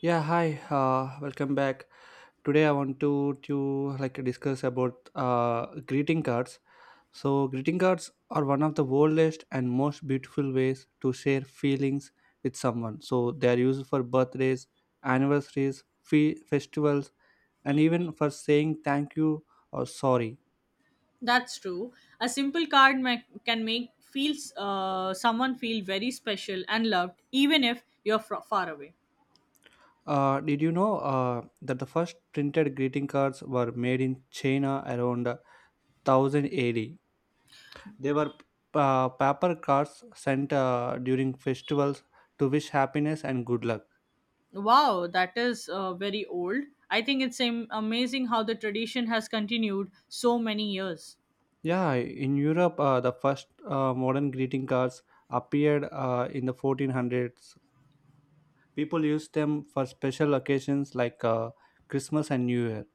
Yeah, hi. Welcome back. Today I want to discuss about greeting cards. So greeting cards are one of the oldest and most beautiful ways to share feelings with someone. So they are used for birthdays, anniversaries, festivals, and even for saying thank you or sorry. That's true. A simple can make feels someone feel very special and loved, even if you're fro far away. Did you know that the first printed greeting cards were made in China around 1000 AD? They were paper cards sent during festivals to wish happiness and good luck. Wow, that is very old. I think it's amazing how the tradition has continued so many years. Yeah, in Europe, the first modern greeting cards appeared in the 1400s. People used them for special occasions like Christmas and New Year.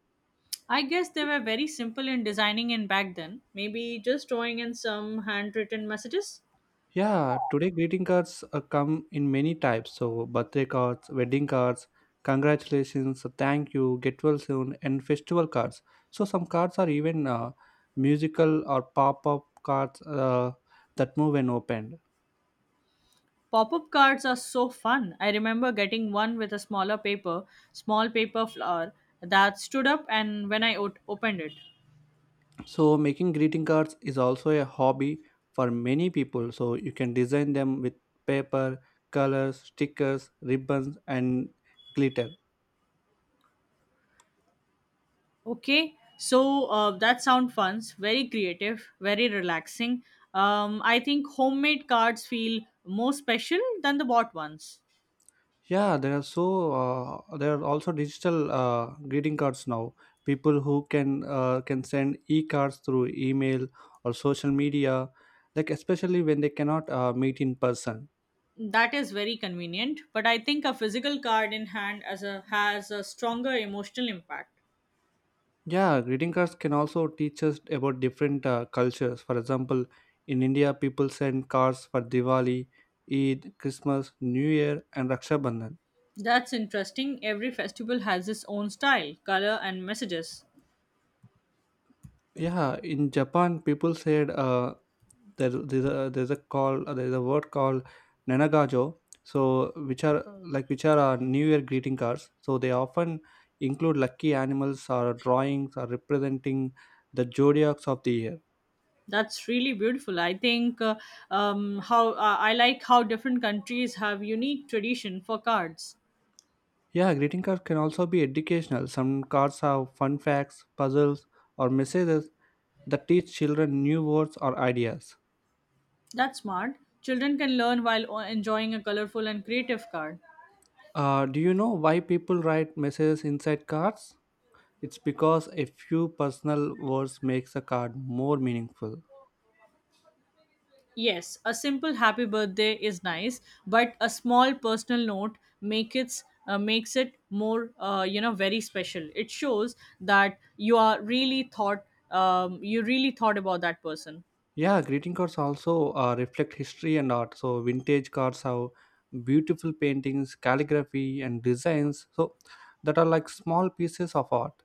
I guess they were very simple in designing in back then. Maybe just drawing in some handwritten messages. Yeah, today greeting cards come in many types. So birthday cards, wedding cards, congratulations, so thank you, get well soon, and festival cards. So some cards are even musical or pop up cards that move when opened. Pop-up cards are so fun. I remember getting one with small paper flower that stood up, and when I opened it. So making greeting cards is also a hobby for many people. So you can design them with paper, colors, stickers, ribbons, and glitter. Okay, so that sound funs, very creative, very relaxing. I think homemade cards feel more special than the bought ones. There are also digital greeting cards now. People who can send e-cards through email or social media, like especially when they cannot meet in person. That is very convenient, but I think a physical card in hand as a has a stronger emotional impact. Yeah, greeting cards can also teach us about different cultures. For example, in India, people send cards for Diwali, Eid, Christmas, New Year, and Raksha Bandhan. That's interesting. Every festival has its own style, color, and messages. Yeah, in Japan, people said there's a word called nanagajo. So which are New Year greeting cards. So they often include lucky animals or drawings or representing the zodiacs of the year. That's really beautiful. I like how different countries have unique tradition for cards. Yeah, greeting cards can also be educational. Some cards have fun facts, puzzles, or messages that teach children new words or ideas. That's smart. Children can learn while enjoying a colorful and creative card. Do you know why people write messages inside cards? It's because a few personal words makes a card more meaningful. Yes, a simple happy birthday is nice, but a small personal note makes it more, very special. It shows that you really thought about that person. Yeah, greeting cards also reflect history and art. So vintage cards have beautiful paintings, calligraphy, and designs. So that are like small pieces of art.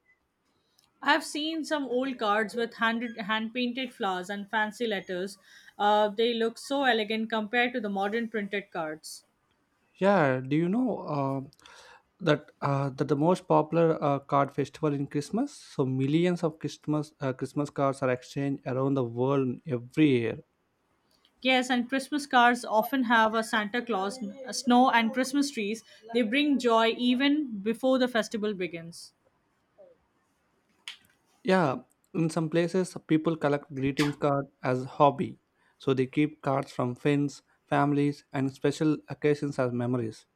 I've seen some old cards with hand-painted flowers and fancy letters. They look so elegant compared to the modern printed cards. Yeah, do you know that the most popular card festival in Christmas? So millions of Christmas cards are exchanged around the world every year. Yes, and Christmas cards often have a Santa Claus, a snow, and Christmas trees. They bring joy even before the festival begins. Yeah, in some places, people collect greeting cards as hobby. So they keep cards from friends, families, and special occasions as memories.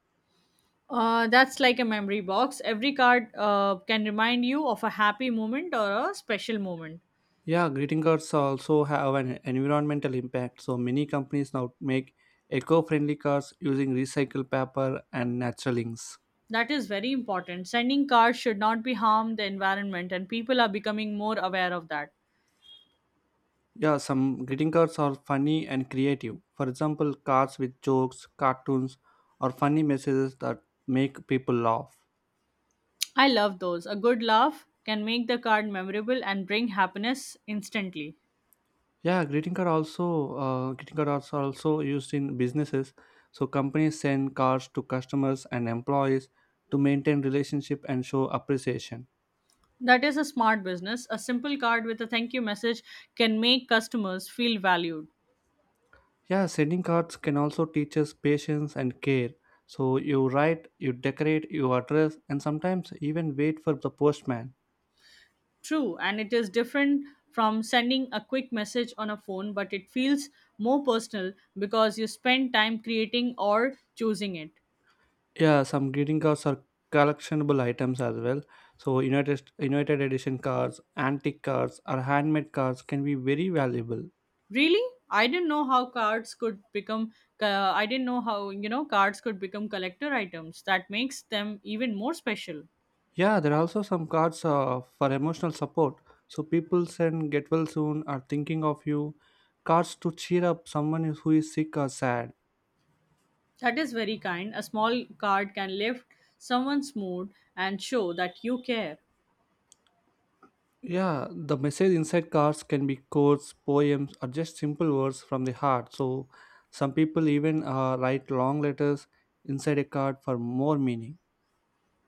That's like a memory box. Every card can remind you of a happy moment or a special moment. Yeah, greeting cards also have an environmental impact. So many companies now make eco-friendly cards using recycled paper and natural inks. That is very important. Sending cards should not be harm the environment, and people are becoming more aware of that. Yeah, some greeting cards are funny and creative. For example, cards with jokes, cartoons, or funny messages that make people laugh. I love those. A good laugh can make the card memorable and bring happiness instantly. Greeting cards are also used in businesses. So companies send cards to customers and employees to maintain relationship and show appreciation. That is a smart business. A simple card with a thank you message can make customers feel valued. Yeah, sending cards can also teach us patience and care. So you write, you decorate, you address, and sometimes even wait for the postman. True, and it is different from sending a quick message on a phone, but it feels more personal because you spend time creating or choosing it. Yeah, some greeting cards are collectionable items as well. So United Edition cards, antique cards, or handmade cards can be very valuable. Really? I didn't know how cards could become I didn't know how, cards could become collector items. That makes them even more special. Yeah, there are also some cards for emotional support. So people send get well soon or thinking of you. Cards to cheer up someone who is sick or sad. That is very kind. A small card can lift someone's mood and show that you care. Yeah, the message inside cards can be quotes, poems, or just simple words from the heart. So some people even write long letters inside a card for more meaning.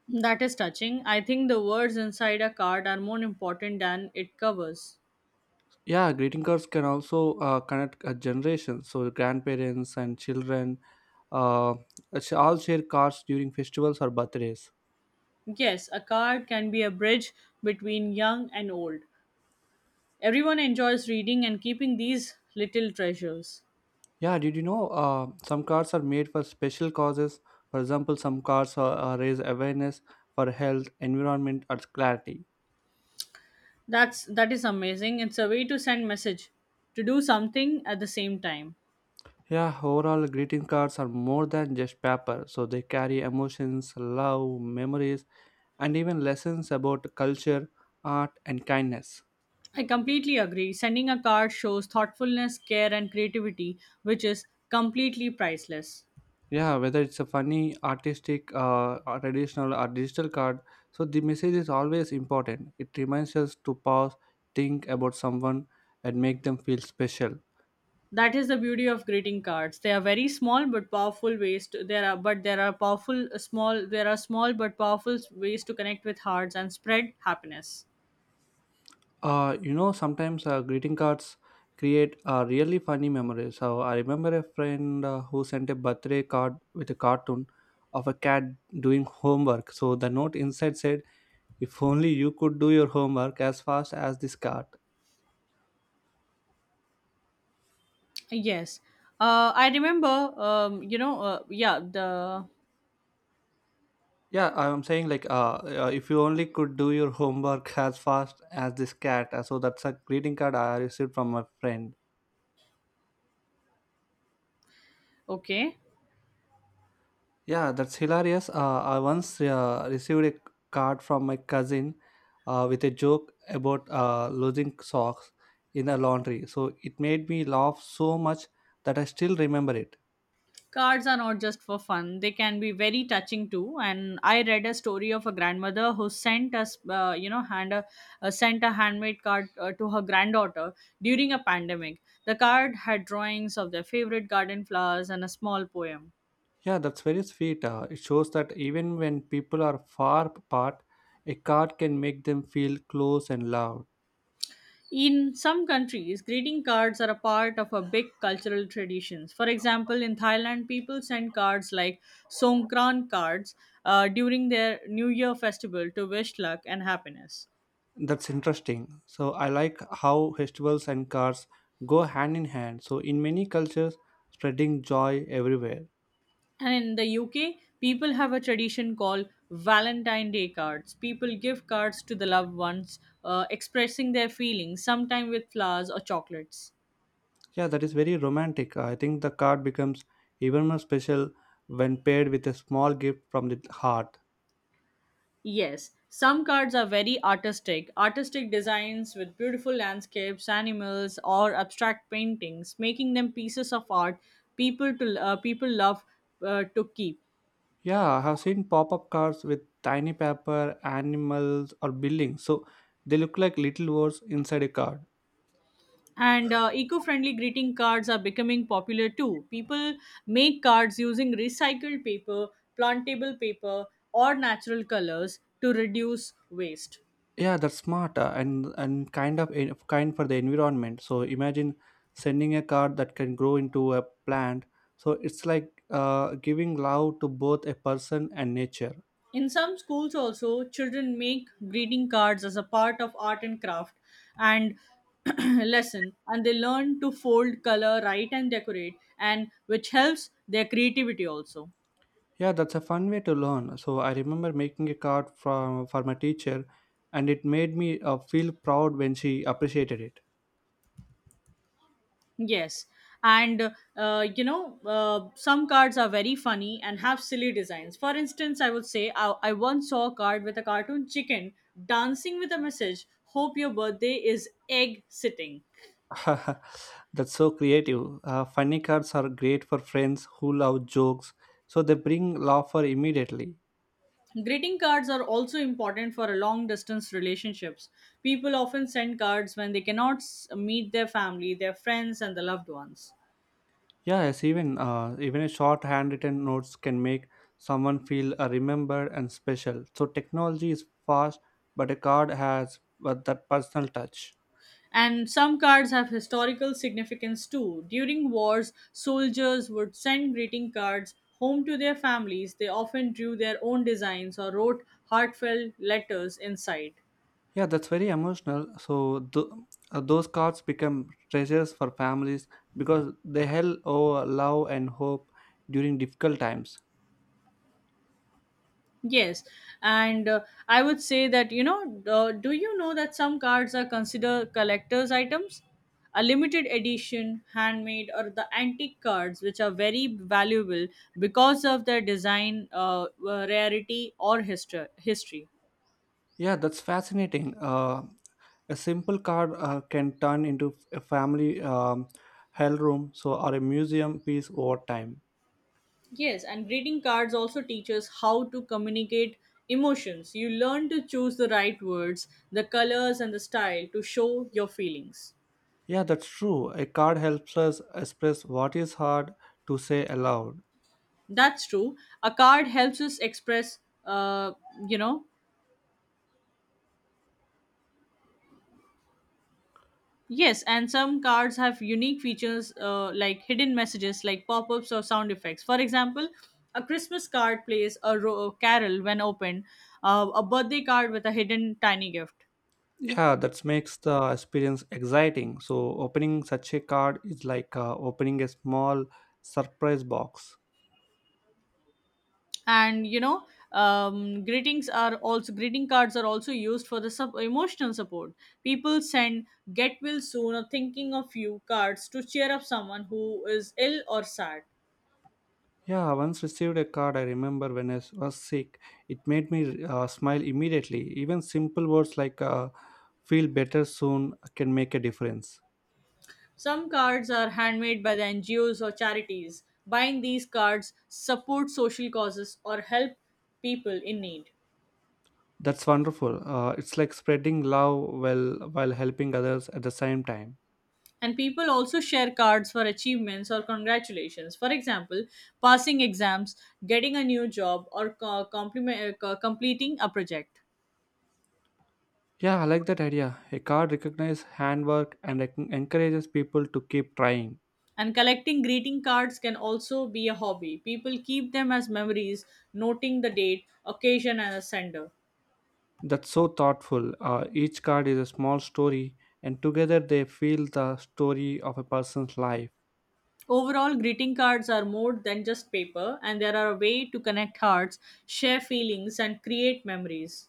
That is touching. I think the words inside a card are more important than it covers. Yeah, greeting cards can also connect a generation. So grandparents and children uh, all share cards during festivals or birthdays. Yes, a card can be a bridge between young and old. Everyone enjoys reading and keeping these little treasures. Yeah, did you know some cards are made for special causes? For example, some cards are raise awareness for health, environment, or clarity. That is amazing. It's a way to send message, to do something at the same time. Yeah, overall, greeting cards are more than just paper, so they carry emotions, love, memories, and even lessons about culture, art, and kindness. I completely agree. Sending a card shows thoughtfulness, care and creativity, which is completely priceless. Yeah, whether it's a funny, artistic, or traditional, or digital card, so the message is always important. It reminds us to pause, think about someone, and make them feel special. That is the beauty of greeting cards. They are very small but powerful ways to there are but there are powerful small There are small but powerful ways to connect with hearts and spread happiness. You know, sometimes greeting cards create really funny memories. So I remember a friend who sent a birthday card with a cartoon of a cat doing homework. So the note inside said, "If only you could do your homework as fast as this cat." Yes. I remember you know yeah the Yeah, I'm saying like, if you only could do your homework as fast as this cat. So that's a greeting card I received from my friend. Okay. Yeah, that's hilarious. I once received a card from my cousin with a joke about losing socks in the laundry. So it made me laugh so much that I still remember it. Cards are not just for fun, they can be very touching too. And I read a story of a grandmother who sent us, you know, hand a, sent a handmade card to her granddaughter during a pandemic. The card had drawings of their favorite garden flowers and a small poem. Yeah, that's very sweet. It shows that even when people are far apart, a card can make them feel close and loved. In some countries, greeting cards are a part of a big cultural traditions. For example, in Thailand, people send cards like Songkran cards during their New Year festival to wish luck and happiness. That's interesting. So I like how festivals and cards go hand in hand. So in many cultures, spreading joy everywhere. And in the UK, people have a tradition called Valentine Day cards. People give cards to the loved ones, expressing their feelings, sometimes with flowers or chocolates. Yeah, that is very romantic. I think the card becomes even more special when paired with a small gift from the heart. Yes, some cards are very artistic. Artistic designs with beautiful landscapes, animals, or abstract paintings, making them pieces of art people love to keep. Yeah, I have seen pop up cards with tiny paper, animals, or buildings. So they look like little words inside a card. And eco friendly greeting cards are becoming popular too. People make cards using recycled paper, plantable paper, or natural colors to reduce waste. Yeah, that's smart and kind for the environment. So imagine sending a card that can grow into a plant. So it's like giving love to both a person and nature. In some schools, also, children make greeting cards as a part of art and craft and lesson, and they learn to fold, color, write, and decorate, and which helps their creativity also. Yeah, that's a fun way to learn. So I remember making a card from for my teacher, and it made me feel proud when she appreciated it. Yes. And some cards are very funny and have silly designs. For instance, I would say I once saw a card with a cartoon chicken dancing with a message, "Hope your birthday is egg sitting." That's so creative. Funny cards are great for friends who love jokes, so they bring laughter immediately. Greeting cards are also important for a long distance relationships. People often send cards when they cannot meet their family, their friends, and the loved ones. Yeah, yes, even even a short handwritten notes can make someone feel remembered and special. So technology is fast, but a card has that personal touch. And some cards have historical significance too. During wars, soldiers would send greeting cards home to their families. They often drew their own designs or wrote heartfelt letters inside. Yeah, that's very emotional. Those cards become treasures for families because they held over love and hope during difficult times. Yes, and I would say that, do you know that some cards are considered collector's items? A limited edition, handmade, or the antique cards, which are very valuable because of their design, rarity, or history. Yeah, that's fascinating. A simple card can turn into a family hell room, so or a museum piece over time. Yes, and greeting cards also teach us how to communicate emotions. You learn to choose the right words, the colors, and the style to show your feelings. Yeah, that's true. A card helps us express what is hard to say aloud. That's true. A card helps us express, uh, you know, yes, and some cards have unique features like hidden messages, like pop ups or sound effects. For example, a Christmas card plays a carol when opened, a birthday card with a hidden tiny gift. Yeah, that makes the experience exciting. So opening such a card is like opening a small surprise box. And you know, greeting cards are also used for the emotional support. People send get well soon or thinking of you cards to cheer up someone who is ill or sad. Yeah, I once received a card I remember when was sick. It made me smile immediately. Even simple words like feel better soon can make a difference. Some cards are handmade by the ngos or charities. Buying these cards support social causes or help people in need. That's wonderful. It's like spreading love while helping others at the same time. And people also share cards for achievements or congratulations. For example, passing exams, getting a new job, or completing a project. Yeah, I like that idea. A card recognizes handwork and encourages people to keep trying. And collecting greeting cards can also be a hobby. People keep them as memories, noting the date, occasion, and a sender. That's so thoughtful. Each card is a small story, and together they feel the story of a person's life. Overall, greeting cards are more than just paper, and they are a way to connect hearts, share feelings, and create memories.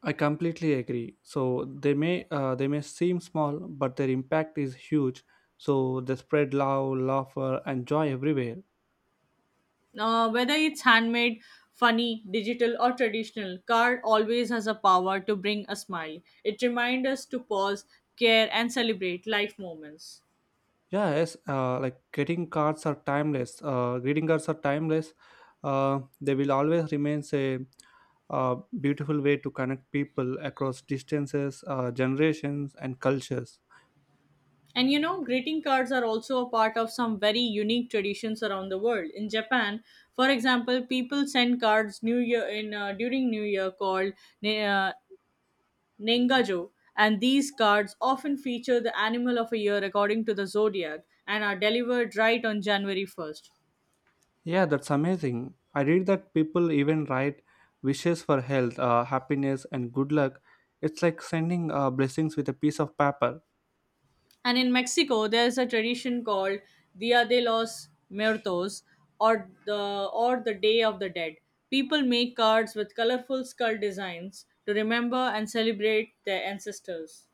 I completely agree. So they may seem small, but their impact is huge. So they spread love, laughter, and joy everywhere. Whether it's handmade, funny, digital, or traditional, card always has a power to bring a smile. It reminds us to pause, care, and celebrate life moments. Yeah, yes. Greeting cards are timeless. They will always remain a, beautiful way to connect people across distances, generations, and cultures. And you know, greeting cards are also a part of some very unique traditions around the world. In Japan, for example, people send cards New Year in during New Year called ne- uh, Nengajo, and these cards often feature the animal of a year according to the zodiac and are delivered right on January 1st. Yeah, that's amazing. I read that people even write wishes for health, happiness, and good luck. It's like sending blessings with a piece of paper. And in Mexico, there's a tradition called Dia de los Muertos or the Day of the Dead. People make cards with colorful skull designs to remember and celebrate their ancestors.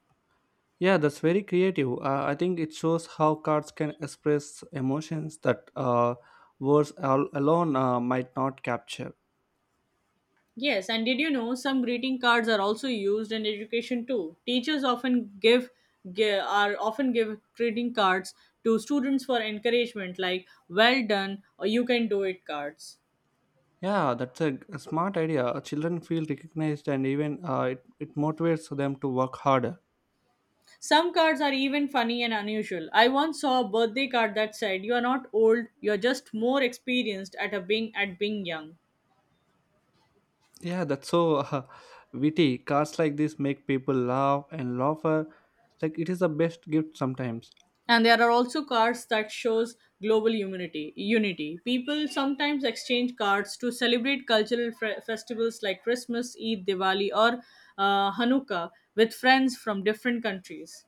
Yeah, that's very creative. I think it shows how cards can express emotions that alone might not capture. Yes, and did you know some greeting cards are also used in education too? Teachers often give, give are often give greeting cards to students for encouragement like well done or you can do it cards. Yeah, that's a smart idea. Children feel recognized, and even it motivates them to work harder. Some cards are even funny and unusual. I once saw a birthday card that said, "You are not old, you are just more experienced at being young." Yeah, that's so witty. Cards like this make people laugh and laugh. Like it is the best gift sometimes. And there are also cards that shows global unity. People sometimes exchange cards to celebrate cultural festivals like Christmas, Eid, Diwali, or Hanukkah with friends from different countries.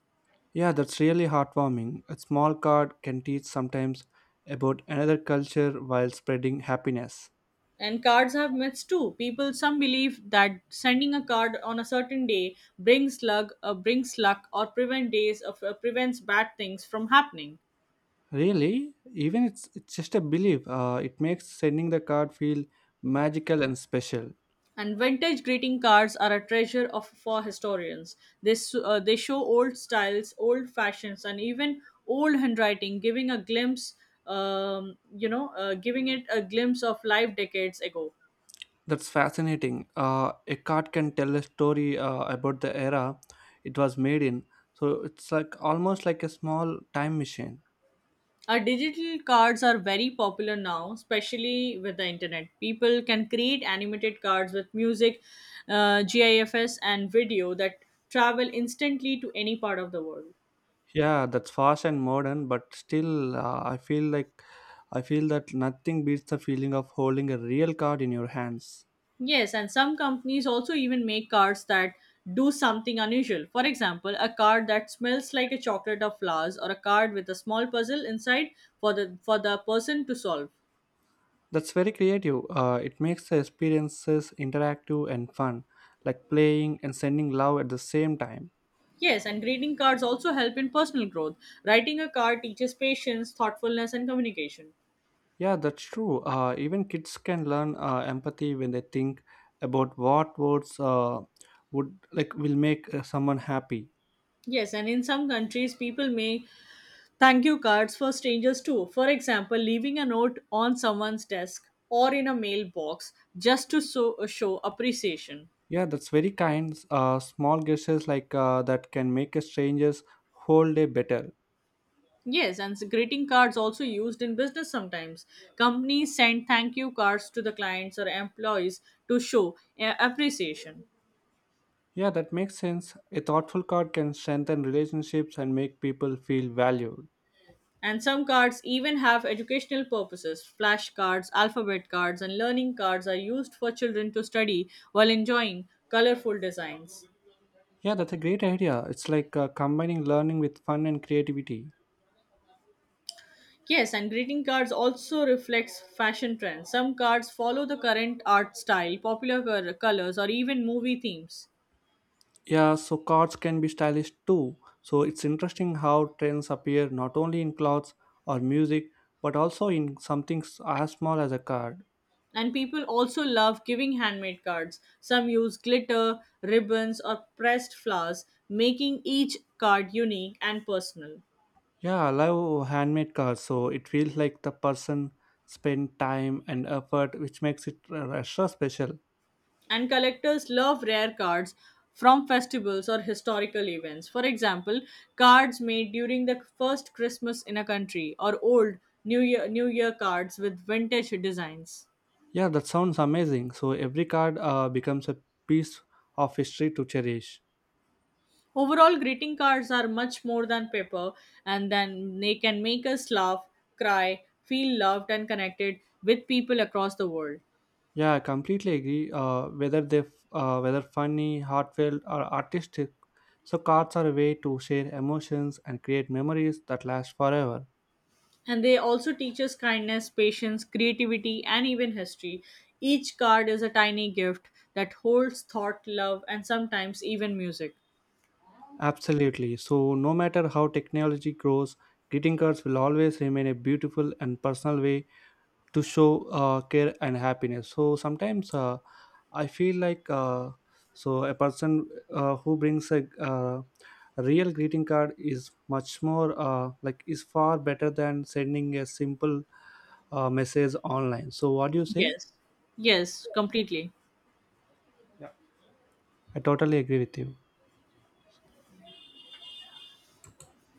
Yeah, that's really heartwarming. A small card can teach sometimes about another culture while spreading happiness. And cards have myths too. People some believe that sending a card on a certain day brings luck, or prevent days of prevents bad things from happening. Really, even it's just a belief. It makes sending the card feel magical and special. And vintage greeting cards are a treasure of for historians. This they show old styles, old fashions, and even old handwriting, giving it a glimpse of life decades ago. That's fascinating. A card can tell a story about the era it was made in. So it's like almost like a small time machine. Our digital cards are very popular now, especially with the internet. People can create animated cards with music, GIFs, and video that travel instantly to any part of the world. Yeah, that's fast and modern, but still, I feel that nothing beats the feeling of holding a real card in your hands. Yes, and some companies also even make cards that do something unusual. For example, a card that smells like a chocolate or flowers, or a card with a small puzzle inside for the person to solve. That's very creative. It makes the experiences interactive and fun, like playing and sending love at the same time. Yes, and greeting cards also help in personal growth. Writing a card teaches patience, thoughtfulness, and communication. Yeah, that's true. Even kids can learn empathy when they think about what words would like will make someone happy. Yes, and in some countries, people make thank you cards for strangers too. For example, leaving a note on someone's desk or in a mailbox just show appreciation. Yeah, that's very kind. Small gestures that can make a stranger's whole day better. Yes, and greeting cards also used in business sometimes. Companies send thank you cards to the clients or employees to show appreciation. Yeah, that makes sense. A thoughtful card can strengthen relationships and make people feel valued. And some cards even have educational purposes. Flashcards, alphabet cards, and learning cards are used for children to study while enjoying colorful designs. Yeah, that's a great idea. It's like combining learning with fun and creativity. Yes, and greeting cards also reflects fashion trends. Some cards follow the current art style, popular colors, or even movie themes. Yeah, so cards can be stylish too. So it's interesting how trends appear not only in clothes or music, but also in something as small as a card. And people also love giving handmade cards. Some use glitter, ribbons, or pressed flowers, making each card unique and personal. Yeah, I love handmade cards, so it feels like the person spent time and effort, which makes it extra special. And collectors love rare cards from festivals or historical events. For example, cards made during the first Christmas in a country, or old New Year cards with vintage designs. Yeah, that sounds amazing. So every card becomes a piece of history to cherish. Overall, greeting cards are much more than paper, and then they can make us laugh, cry, feel loved, and connected with people across the world. Yeah, I completely agree. Whether funny, heartfelt, or artistic, so cards are a way to share emotions and create memories that last forever. And they also teach us kindness, patience, creativity, and even history. Each card is a tiny gift that holds thought, love, and sometimes even music. Absolutely. So no matter how technology grows, greeting cards will always remain a beautiful and personal way to show care and happiness. So sometimes I feel like so a person who brings a real greeting card is much more is far better than sending a simple message online. So what do you say? Yes, yes, completely. Yeah. I totally agree with you.